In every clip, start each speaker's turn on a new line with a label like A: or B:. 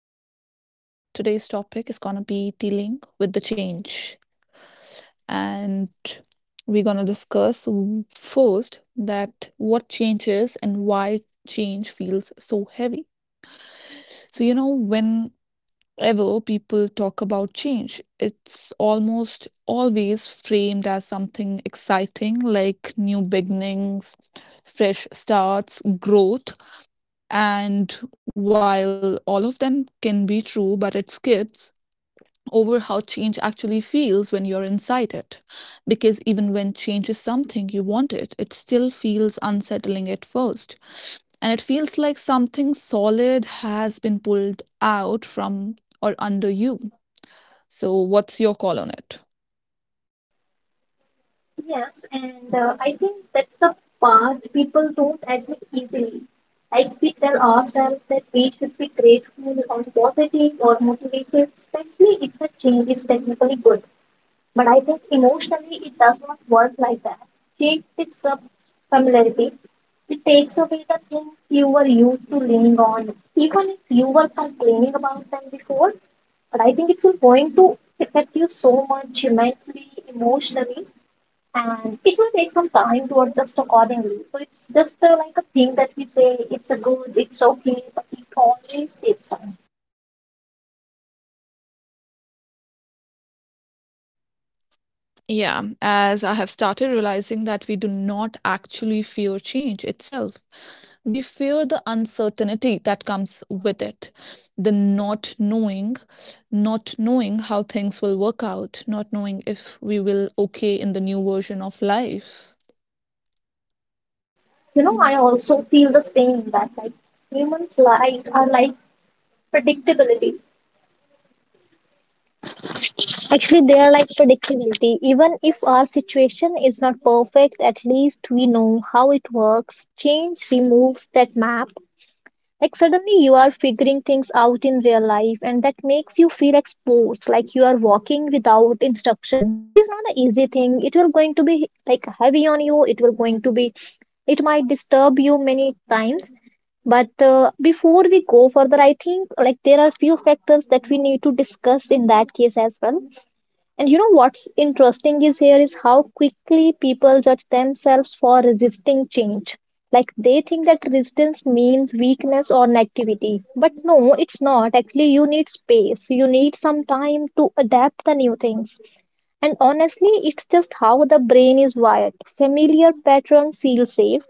A: So, today's topic is going to be dealing with the change. And we're going to discuss first that what change is and why change feels so heavy. So, whenever people talk about change, it's almost always framed as something exciting like new beginnings, fresh starts, growth. And while all of them can be true, but it skips over how change actually feels when you're inside it. Because even when change is something you wanted, it still feels unsettling at first. And it feels like something solid has been pulled out from or under you. So, what's your call on it?
B: Yes, and I think that's the part people don't admit easily. Like we tell ourselves that we should be grateful or positive or motivated, especially if the change is technically good. But I think emotionally it does not work like that. Change disrupts familiarity. It takes away the things you were used to leaning on, even if you were complaining about them before. But I think it's going to affect you so much mentally, emotionally and it will take some time to adjust accordingly. So it's just like a thing that we say it's a good, it's okay, but it always takes time.
A: Yeah, as I have started realizing that we do not actually fear change itself. We fear the uncertainty that comes with it, the not knowing, not knowing how things will work out, not knowing if we will okay in the new version of life.
B: I also feel the same that like humans like are like predictability. Actually, they are like predictability. Even if our situation is not perfect, at least we know how it works. Change removes that map. Like suddenly you are figuring things out in real life, and that makes you feel exposed, like you are walking without instructions. So it is not an easy thing. It will going to be like heavy on you. It will going to be. It might disturb you many times. But before we go further, I think like there are few factors that we need to discuss in that case as well. And you know what's interesting is here is how quickly people judge themselves for resisting change. Like they think that resistance means weakness or negativity. But no, it's not. Actually, you need space. You need some time to adapt the new things. And honestly, it's just how the brain is wired. Familiar pattern feels safe,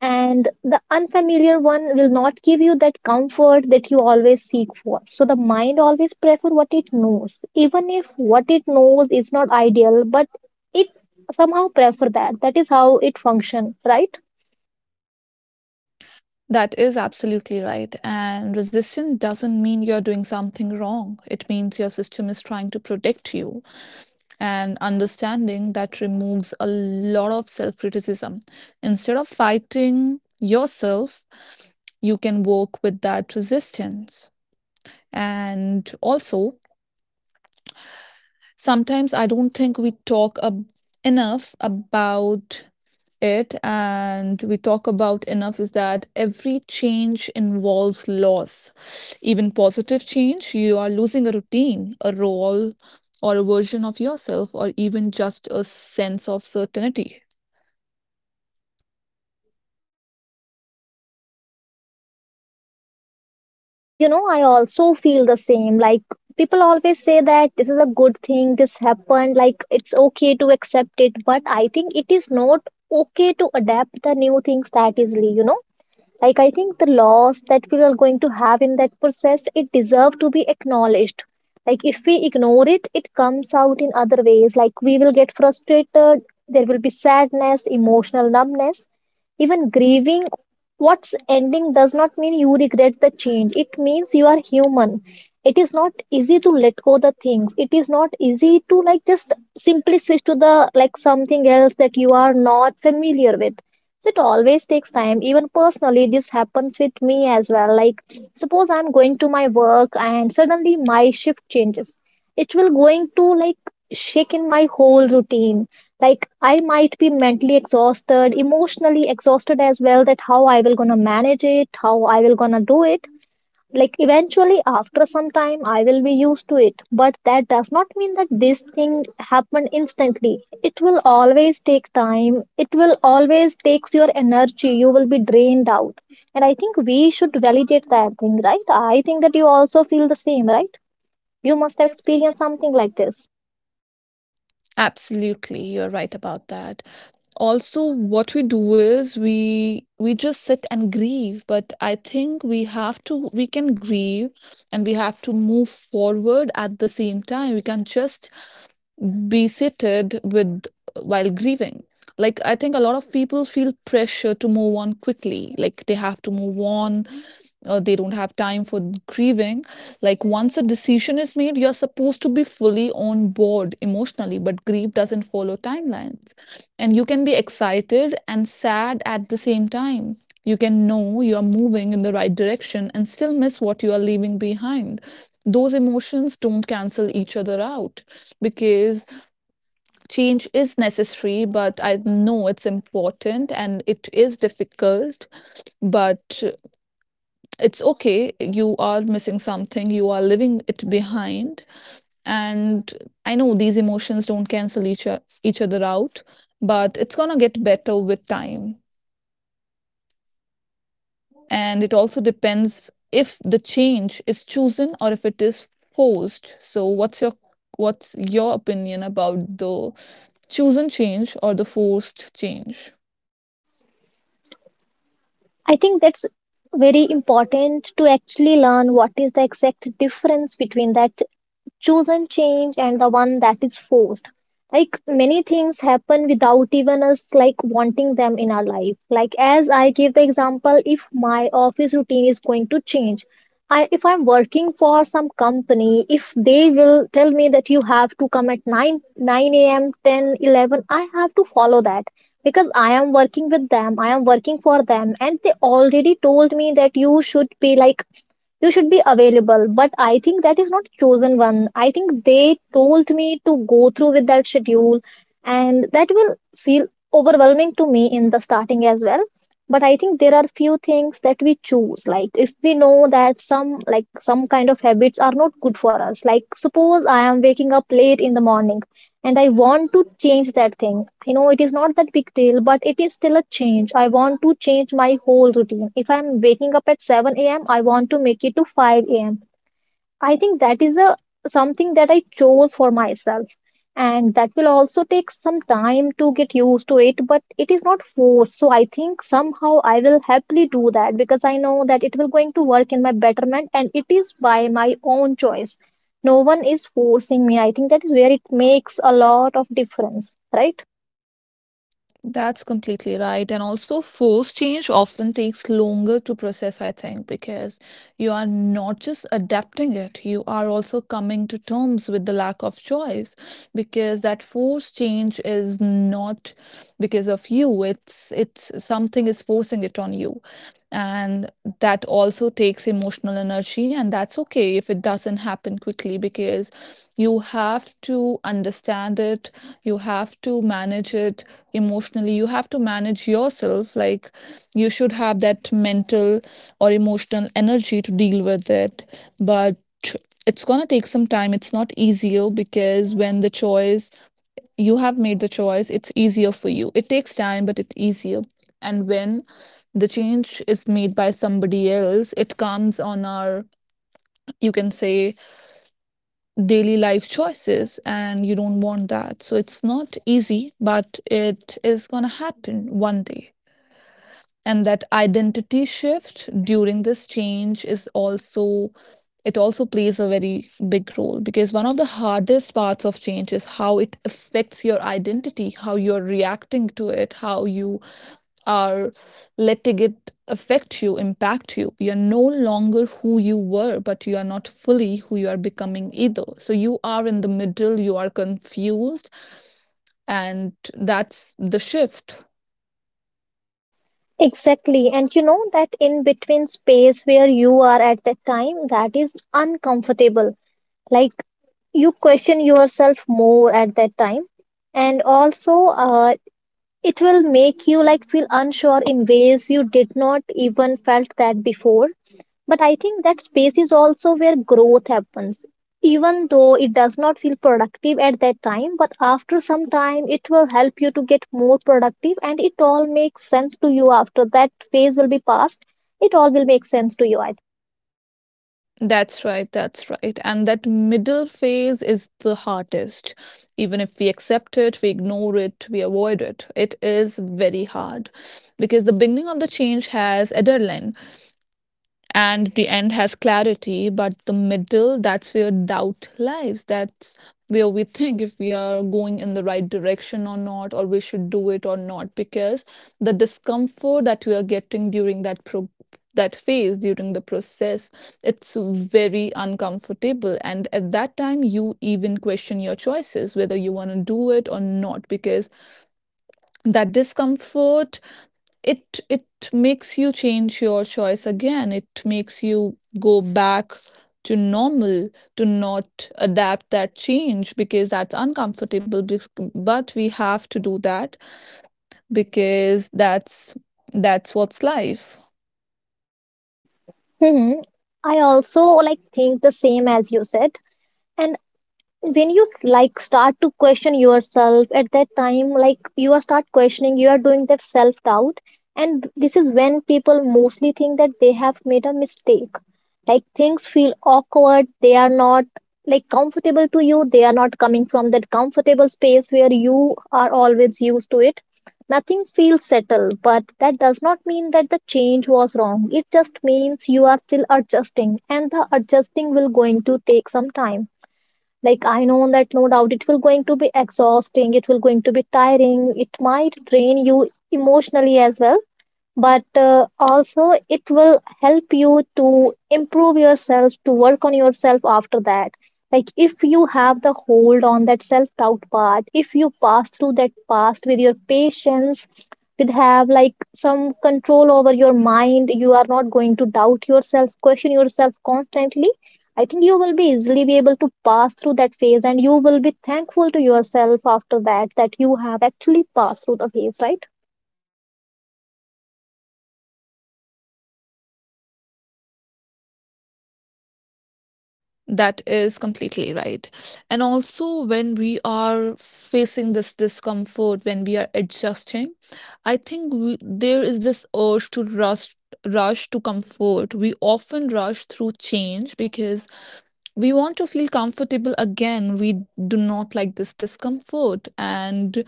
B: and the unfamiliar one will not give you that comfort that you always seek for. So the mind always prefer what it knows, even if what it knows is not ideal. But it somehow prefer that. That is how it function, right?
A: That is absolutely right. And resistance doesn't mean you're doing something wrong. It means your system is trying to protect you. And understanding that removes a lot of self criticism. Instead of fighting yourself, you can work with that resistance. And also, sometimes I don't think enough about it and we talk about enough is that every change involves loss. Even positive change, you are losing a routine, a role, or a version of yourself, or even just a sense of certainty.
B: I also feel the same like people always say that this is a good thing this happened like it's okay to accept it. But I think it is not okay to adapt the new things that easily. Like I think the loss that we are going to have in that process, it deserves to be acknowledged. Like if we ignore it, it comes out in other ways. Like we will get frustrated. There will be sadness, emotional numbness, even grieving. What's ending does not mean you regret the change. It means you are human. It is not easy to let go the things. It is not easy to like just simply switch to the like something else that you are not familiar with. So it always takes time. Even personally, this happens with me as well. Like suppose I'm going to my work and suddenly my shift changes. It will going to like shake in my whole routine. Like I might be mentally exhausted, emotionally exhausted as well. That how I will gonna manage it, how I will gonna do it. Like eventually after some time I will be used to it. But that does not mean that this thing happened instantly. It will always take time. It will always takes your energy. You will be drained out. And I think we should validate that thing, right? I think that you also feel the same, right? You must have experienced something like this.
A: Absolutely, you're right about that. Also, what we do is we just sit and grieve, but I think we have to we can grieve and we have to move forward at the same time. We can just be seated with while grieving. Like, I think a lot of people feel pressure to move on quickly, like they have to move on or they don't have time for grieving. Like, once a decision is made, you're supposed to be fully on board emotionally, but grief doesn't follow timelines, and you can be excited and sad at the same time. You can know you're moving in the right direction and still miss what you are leaving behind. Those emotions don't cancel each other out because change is necessary, but I know it's important and it is difficult, but it's okay. You are missing something, you are leaving it behind. And I know these emotions don't cancel each other out, but it's gonna get better with time. And it also depends if the change is chosen or if it is forced. So, what's your opinion about the chosen change or the forced change?
B: I think that's very important to actually learn what is the exact difference between that chosen change and the one that is forced. Like many things happen without even us like wanting them in our life. Like as I give the example, if my office routine is going to change, I if I'm working for some company, if they will tell me that you have to come at 9 a.m 10, 11, I have to follow that. Because I am working with them, I am working for them, and they already told me that you should be available. But I think that is not chosen one. I think they told me to go through with that schedule. And that will feel overwhelming to me in the starting as well. But I think there are few things that we choose. Like if we know that some kind of habits are not good for us. Like suppose I am waking up late in the morning, and I want to change that thing. I know it is not that big deal, but it is still a change. I want to change my whole routine. If I'm waking up at 7 a.m., I want to make it to 5 a.m. I think that is a something that I chose for myself. And that will also take some time to get used to it, but it is not forced. So I think somehow I will happily do that because I know that it will going to work in my betterment and it is by my own choice. No one is forcing me. I think that is where it makes a lot of difference, right?
A: That's completely right. And also, force change often takes longer to process, I think, because you are not just adapting it, you are also coming to terms with the lack of choice. Because that force change is not because of you, it's something is forcing it on you, and that also takes emotional energy, and that's okay if it doesn't happen quickly because you have to understand it, you have to manage it, emotionally you have to manage yourself. Like, you should have that mental or emotional energy to deal with it, but it's going to take some time. It's not easier because when the choice, you have made the choice, it's easier for you. It takes time, but it's easier. And when the change is made by somebody else, it comes on our, you can say, daily life choices, and you don't want that, so it's not easy, but it is going to happen one day. And that identity shift during this change is also, it also plays a very big role, because one of the hardest parts of change is how it affects your identity, how you're reacting to it, how you are letting it affect you, impact you. You're no longer who you were, but you are not fully who you are becoming either, so you are in the middle, you are confused, and that's the shift.
B: Exactly. And you know that in between space where you are at that time, that is uncomfortable. Like you question yourself more at that time, and also it will make you like feel unsure in ways you did not even felt that before. But I think that space is also where growth happens. Even though it does not feel productive at that time, but after some time it will help you to get more productive. And it all makes sense to you after that phase will be passed. It all will make sense to you.
A: That's right, that's right. And that middle phase is the hardest. Even if we accept it, we ignore it, we avoid it, it is very hard because the beginning of the change has adrenaline and the end has clarity, but the middle, that's where doubt lies, that's where we think if we are going in the right direction or not, or we should do it or not, because the discomfort that we are getting during that phase during the process, it's very uncomfortable, and at that time you even question your choices whether you want to do it or not, because that discomfort, it makes you change your choice again, it makes you go back to normal, to not adapt that change, because but we have to do that because that's what's life.
B: hmm I also like think the same as you said. And when you like start to question yourself at that time, like you are start questioning, you are doing that self doubt. And this is when people mostly think that they have made a mistake. Like things feel awkward. They are not like comfortable to you. They are not coming from that comfortable space where you are always used to it. Nothing feels settled. But that does not mean that the change was wrong. It just means you are still adjusting. And the adjusting will going to take some time. Like I know that no doubt it will going to be exhausting. It will going to be tiring. It might drain you emotionally as well. But also it will help you to improve yourself, to work on yourself after that. Like if you have the hold on that self doubt part, if you pass through that past with your patience, with have like some control over your mind, you are not going to doubt yourself, question yourself constantly. I think you will be easily be able to pass through that phase, and you will be thankful to yourself after that, that you have actually passed through the phase, right?
A: That is completely right. And also, when we are facing this discomfort, when we are adjusting, I think we, there is this urge to rush, rush to comfort. We often rush through change because we want to feel comfortable again. We do not like this discomfort and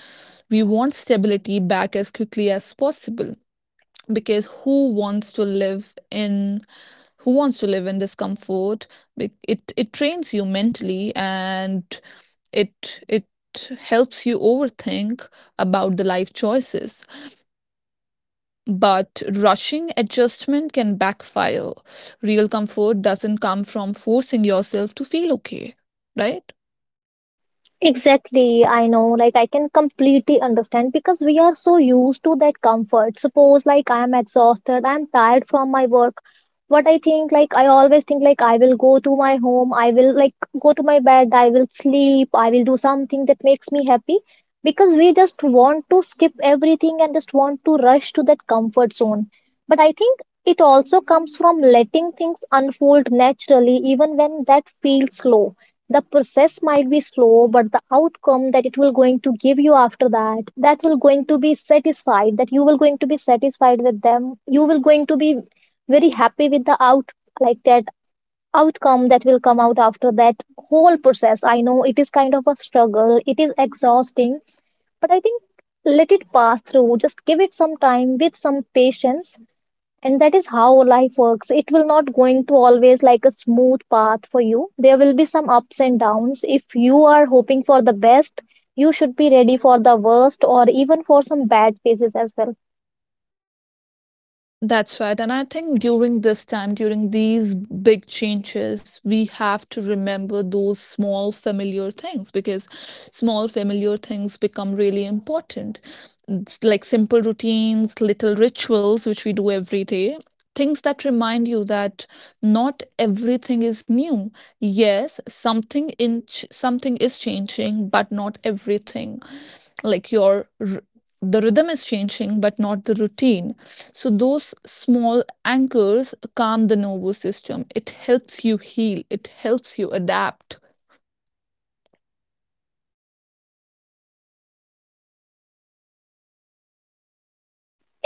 A: we want stability back as quickly as possible because who wants to live in discomfort. It it trains you mentally and it helps you overthink about the life choices, but rushing adjustment can backfire. Real comfort doesn't come from forcing yourself to feel okay, right?
B: Exactly, I know. Like, I can completely understand because we are so used to that comfort. Suppose, like, I am exhausted, I am tired from my work. What I think, like, I always think, like, I will go to my home, I will, like, go to my bed, I will sleep, I will do something that makes me happy because we just want to skip everything and just want to rush to that comfort zone. But I think it also comes from letting things unfold naturally, even when that feels slow. The process might be slow, but the outcome that it will going to give you after that, that will going to be satisfied, that you will going to be satisfied with them, you will going to be very happy with the like that outcome that will come out after that whole process. I know it is kind of a struggle, it is exhausting. But I think let it pass through, just give it some time with some patience. And that is how life works. It will not going to always like a smooth path for you. There will be some ups and downs. If you are hoping for the best, you should be ready for the worst or even for some bad phases as well.
A: That's right. And I think during this time, during these big changes, we have to remember those small familiar things because small familiar things become really important. It's like simple routines, little rituals, which we do every day. Things that remind you that not everything is new. Yes, something is changing, but not everything. Like the rhythm is changing, but not the routine. So, those small anchors calm the nervous system. It helps you heal, it helps you adapt.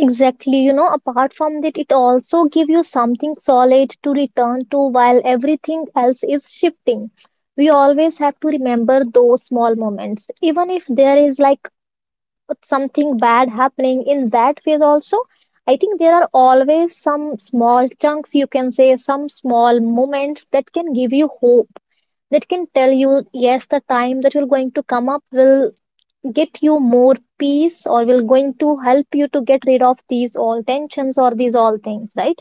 B: Exactly. Apart from that, it also give you something solid to return to while everything else is shifting. We always have to remember those small moments, even if there is like with something bad happening in that phase also. I think there are always some small chunks, you can say some small moments that can give you hope, that can tell you yes, the time that you're going to come up will get you more peace, or will going to help you to get rid of these all tensions or these all things, right?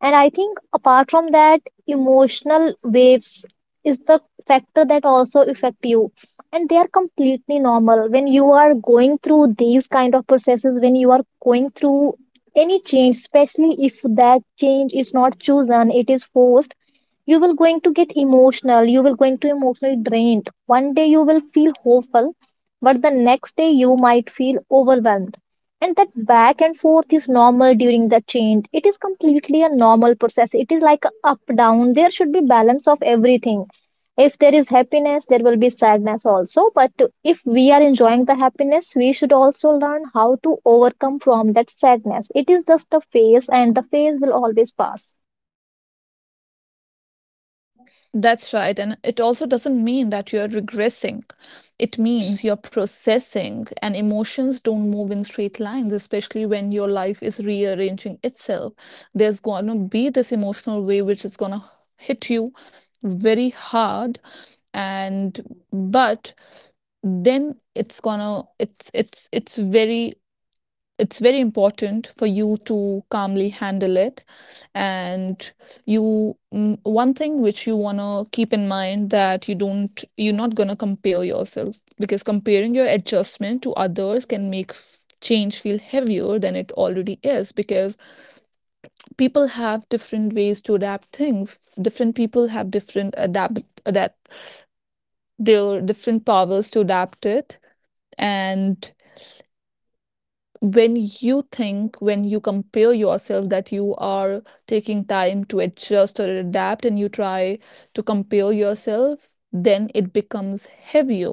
B: And I think apart from that, emotional waves is the factor that also affect you. And they are completely normal. When you are going through these kind of processes, when you are going through any change, especially if that change is not chosen, it is forced, you will going to get emotional, you will going to emotionally drained. One day you will feel hopeful, but the next day you might feel overwhelmed, and that back and forth is normal during the change. It is completely a normal process. It is like a up down. There should be balance of everything. If there is happiness, there will be sadness also, but if we are enjoying the happiness, we should also learn how to overcome from that sadness. It is just a phase, and the phase will always pass.
A: That's right. And it also doesn't mean that you're regressing. It means you're processing, and emotions don't move in straight lines, especially when your life is rearranging itself. There's going to be this emotional wave which is going to hit you very hard. And, but then it's gonna it's very important for you to calmly handle it. And you one thing which you want to keep in mind, that you're not going to compare yourself, because comparing your adjustment to others can make change feel heavier than it already is, because people have different ways to adapt things, different people have different adapt their different powers to adapt it. And when you think, when you compare yourself that you are taking time to adjust or adapt and you try to compare yourself, then it becomes heavier.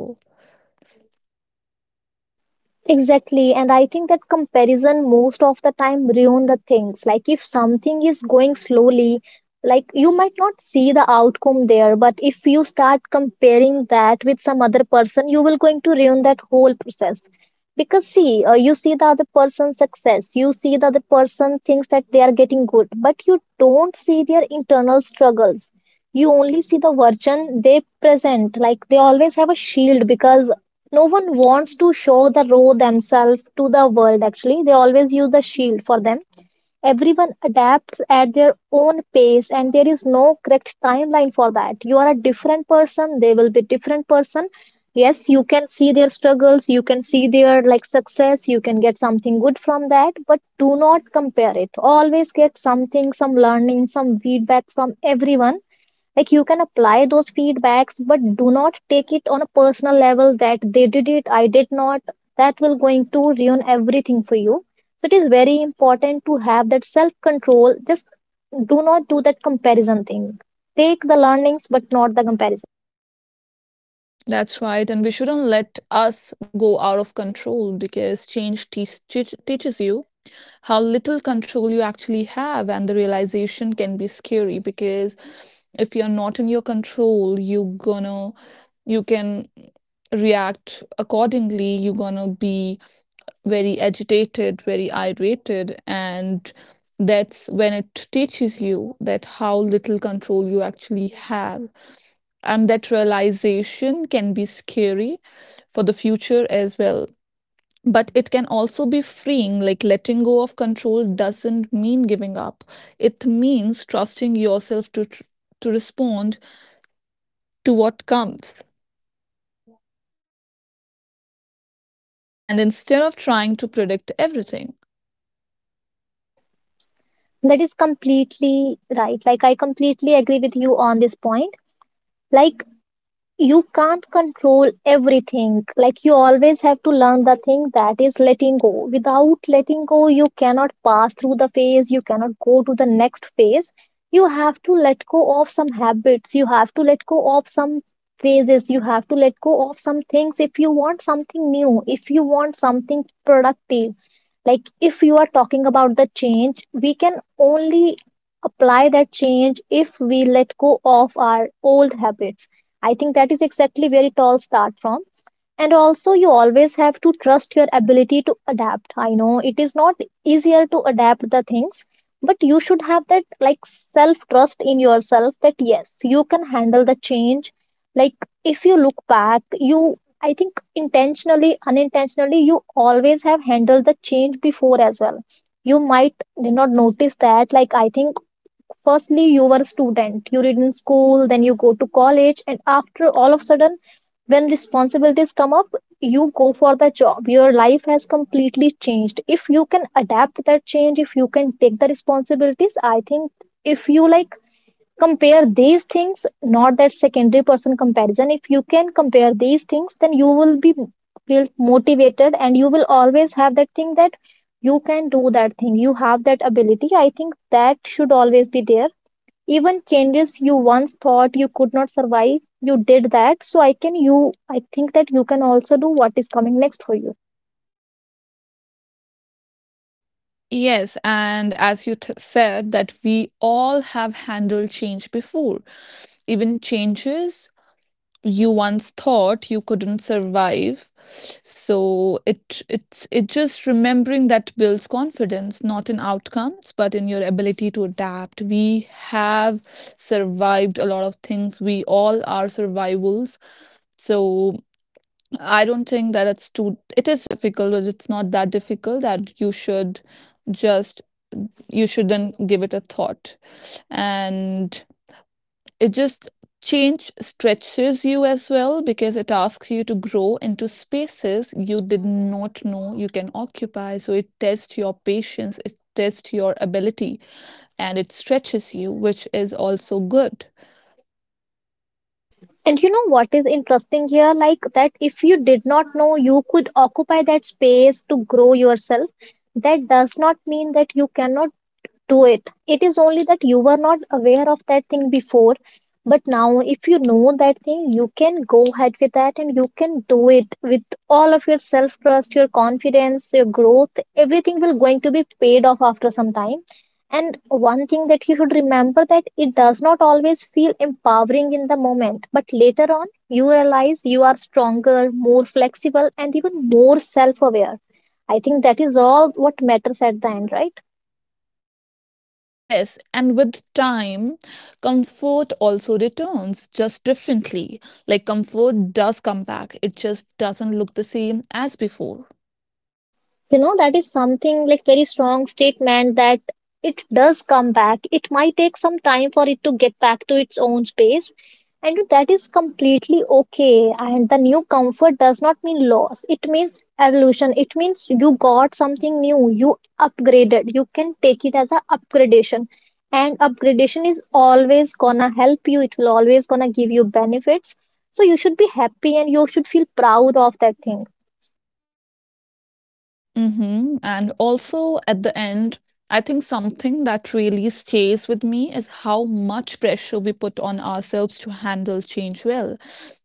B: Exactly, and I think that comparison most of the time ruin the things. Like if something is going slowly, like you might not see the outcome there, but if you start comparing that with some other person, you will going to ruin that whole process. Because see, you see the other person's success, you see the other person thinks that they are getting good, but you don't see their internal struggles. You only see the version they present, like they always have a shield, because no one wants to show the raw themselves to the world. Actually, they always use the shield for them. Everyone adapts at their own pace, and there is no correct timeline for that. You are a different person, they will be different person. Yes, you can see their struggles, you can see their like success, you can get something good from that, but do not compare it. Always get something, some learning, some feedback from everyone, like you can apply those feedbacks, but do not take it on a personal level that they did it, I did not. That will going to ruin everything for you. So it is very important to have that self control. Just do not do that comparison thing. Take the learnings but not the comparison.
A: That's right. And we shouldn't let us go out of control because change teaches you how little control you actually have, and the realization can be scary because if you're not in your control, you can react accordingly. You're gonna be very agitated, very irate, and that's when it teaches you that how little control you actually have. And that realization can be scary for the future as well. But it can also be freeing. Like, letting go of control doesn't mean giving up. It means trusting yourself to, to respond to what comes. And instead of trying to predict everything,
B: That is completely right, like I completely agree with you on this point. Like, you can't control everything. Like, you always have to learn the thing that is letting go. Without letting go, you cannot pass through the phase, you cannot go to the next phase. You have to let go of some habits, you have to let go of some phases, you have to let go of some things if you want something new, if you want something productive. Like if you are talking about the change, we can only apply that change if we let go of our old habits. I think that is exactly where it all starts from. And also, you always have to trust your ability to adapt. I know it is not easier to adapt the things, but you should have that like self trust in yourself that yes, you can handle the change. Like, if you look back, you, I think, intentionally, unintentionally, you always have handled the change before as well. You might did not notice that. Like, I think firstly you were a student, you read in school, then you go to college, and after all of a sudden when responsibilities come up, you go for the job. Your life has completely changed. If you can adapt that change, if you can take the responsibilities, I think if you like compare these things, not that secondary person comparison, if you can compare these things, then you will be feel motivated, and you will always have that thing that you can do that thing, you have that ability. I think that should always be there. Even changes you once thought you could not survive, you did that. So I can you I think that you can also do what is coming next for you.
A: yes, and as said, that we all have handled change before, even changes you once thought you couldn't survive. So it just remembering that builds confidence, not in outcomes, but in your ability to adapt. We have survived a lot of things. We all are survivals. So I don't think that it's too, it is difficult, but it's not that difficult that just you shouldn't give it a thought. And it just, change stretches you as well, because it asks you to grow into spaces you did not know you can occupy, so it tests your patience, it tests your ability, and it stretches you, which is also good.
B: And you know what is interesting here? Like that if you did not know you could occupy that space to grow yourself, that does not mean that you cannot do it. It is only that you were not aware of that thing before, but now if you know that thing, you can go ahead with that, and you can do it with all of your self trust, your confidence, your growth, everything will going to be paid off after some time. And one thing that you should remember that it does not always feel empowering in the moment, but later on you realize you are stronger, more flexible, and even more self aware. I think that is all what matters at the end, right?
A: Yes, and with time, comfort also returns just differently. Like, comfort does come back, it just doesn't look the same as before.
B: You know, that is something like very strong statement. That it does come back. It might take some time for it to get back to its own space, and that is completely okay. And the new comfort does not mean loss, it means evolution. It means you got something new, you upgraded. You can take it as a upgradation, and upgradation is always gonna help you. It will always gonna give you benefits. So you should be happy, and you should feel proud of that thing.
A: Mm-hmm. And also at the end, I think something that really stays with me is how much pressure we put on ourselves to handle change well.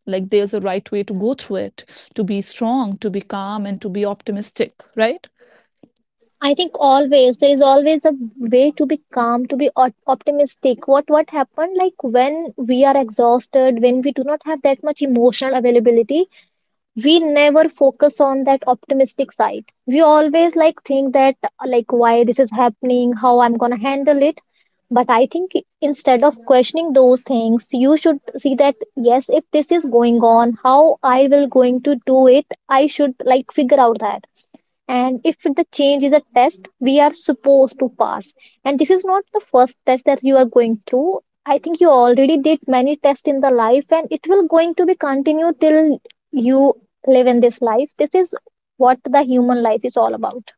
A: Like, there's a right way to go through it, to be strong, to be calm, and to be optimistic, right?
B: I think always there is always a way to be calm, to be optimistic. What happened? Like when we are exhausted, when we do not have that much emotional availability, we never focus on that optimistic side. We always like think that like why this is happening, how I'm gonna handle it. But I think instead of questioning those things, you should see that yes, if this is going on, how I will going to do it. I should like figure out that. And if the change is a test we are supposed to pass, and this is not the first test that you are going through, I think you already did many tests in the life, and it will going to be continued till you live in this life. This is what the human life is all about.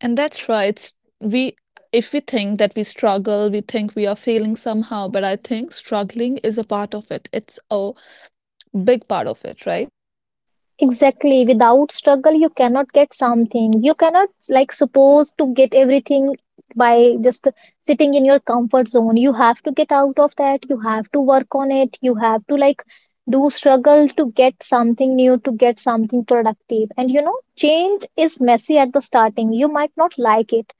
A: And that's right. It's, we, if we think that we struggle, we think we are failing somehow, but I think struggling is a part of it. It's a big part of it, right?
B: Exactly. Without struggle, you cannot get something. You cannot like suppose to get everything by just sitting in your comfort zone. You have to get out of that. You have to work on it. You have to like do struggle to get something new, to get something productive. And you know, change is messy at the starting. You might not like it.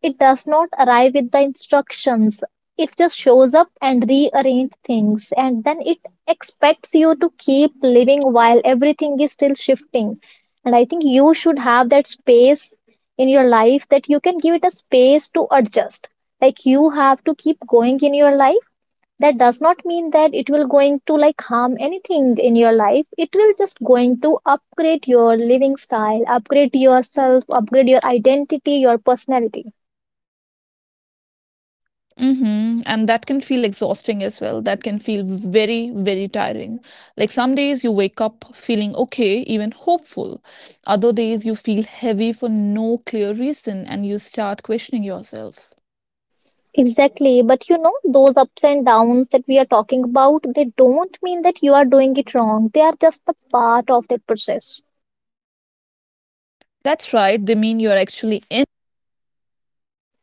B: It does not arrive with the instructions. It just shows up and rearrange things, and then it expects you to keep living while everything is still shifting. And I think you should have that space in your life that you can give it a space to adjust. Like you have to keep going in your life. That does not mean that it will going to like harm anything in your life. It will just going to upgrade your living style, upgrade yourself, upgrade your identity, your personality.
A: Mm-hmm. And that can feel exhausting as well. That can feel very, very tiring. Like, some days you wake up feeling okay, even hopeful. Other days you feel heavy for no clear reason and you start questioning yourself.
B: Exactly. But you know, those ups and downs that we are talking about, they don't mean that you are doing it wrong. They are just the part of that process.
A: That's right, they mean you're actually in it.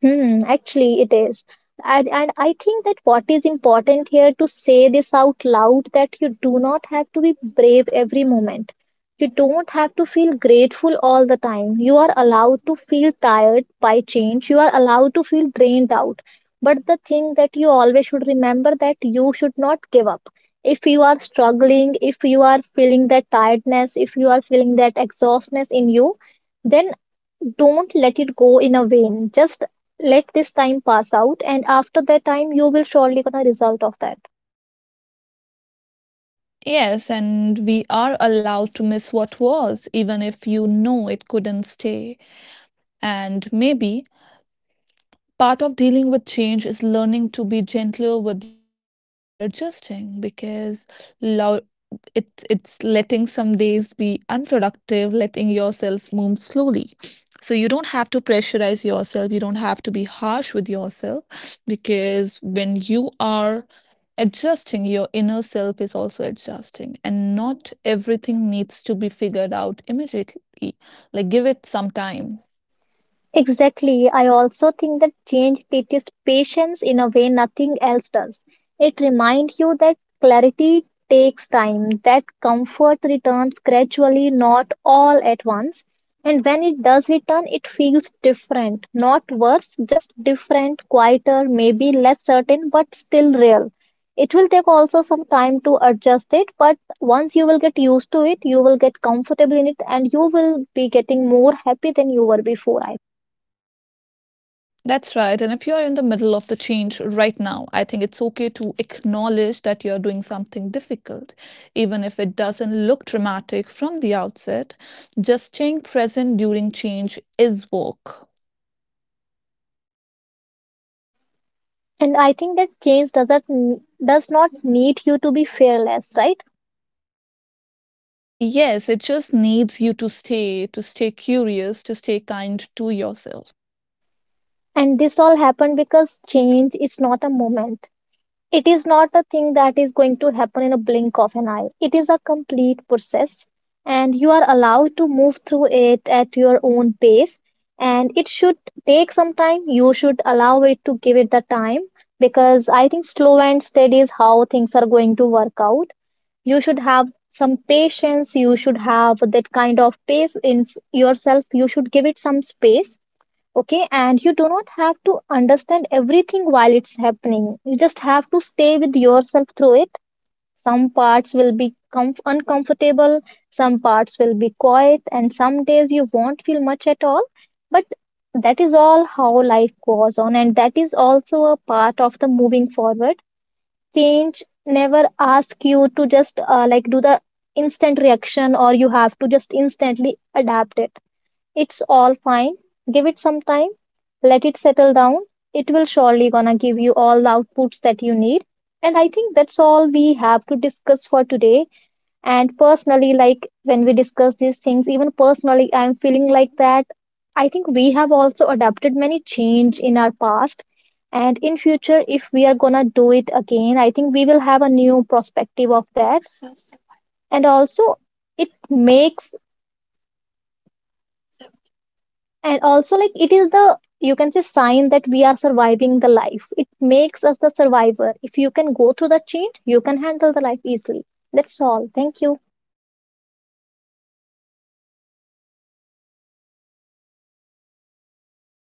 B: Hmm, actually, it is. And I think that what is important here to say this out loud that you do not have to be brave every moment. You don't have to feel grateful all the time. You are allowed to feel tired by change. You are allowed to feel drained out. But the thing that you always should remember that you should not give up. If you are struggling, if you are feeling that tiredness, if you are feeling that exhaustness in you, then don't let it go in a vain. Just let this time pass out, and after that time, you will surely gonna result of that.
A: Yes, and we are allowed to miss what was, even if you know it couldn't stay. And maybe part of dealing with change is learning to be gentler with yourself while you're adjusting, because lo- it, it's letting some days be unproductive, letting yourself move slowly. So you don't have to pressurize yourself, you don't have to be harsh with yourself, because when you are adjusting, your inner self is also adjusting, and not everything needs to be figured out immediately. Like, give it some time.
B: Exactly. I also think that change teaches patience in a way nothing else does. It reminds you that clarity takes time, that comfort returns gradually, not all at once. And when it does return, it feels different, not worse, just different, quieter, maybe less certain, but still real. It will take also some time to adjust it, but once you will get used to it, you will get comfortable in it, and you will be getting more happy than you were before, I.
A: That's right. And if you're in the middle of the change right now, I think it's okay to acknowledge that you're doing something difficult, even if it doesn't look dramatic from the outset. Just staying present during change is work.
B: And I think that change does not need you to be fearless, right?
A: Yes, it just needs you to stay curious, to stay kind to yourself.
B: And this all happened because change is not a moment. It is not a thing that is going to happen in a blink of an eye. It is a complete process, and you are allowed to move through it at your own pace. And it should take some time. You should allow it to give it the time, because I think slow and steady is how things are going to work out. You should have some patience. You should have that kind of pace in yourself. You should give it some space. Okay. And you do not have to understand everything while it's happening. You just have to stay with yourself through it. Some parts will be uncomfortable. Some parts will be quiet. And some days you won't feel much at all. But that is all how life goes on. And that is also a part of the moving forward. Change never ask you to just like do the instant reaction, or you have to just instantly adapt it. It's all fine. Give it some time, let it settle down. It will surely gonna give you all the outputs that you need. And I think that's all we have to discuss for today. And personally, like when we discuss these things, even personally I'm feeling like that I think we have also adapted many change in our past, and in future if we are gonna do it again, I think we will have a new perspective of that. And also, it makes, and also like it is the, you can say sign that we are surviving the life. It makes us the survivor. If you can go through the change, you can handle the life easily. That's all, thank you.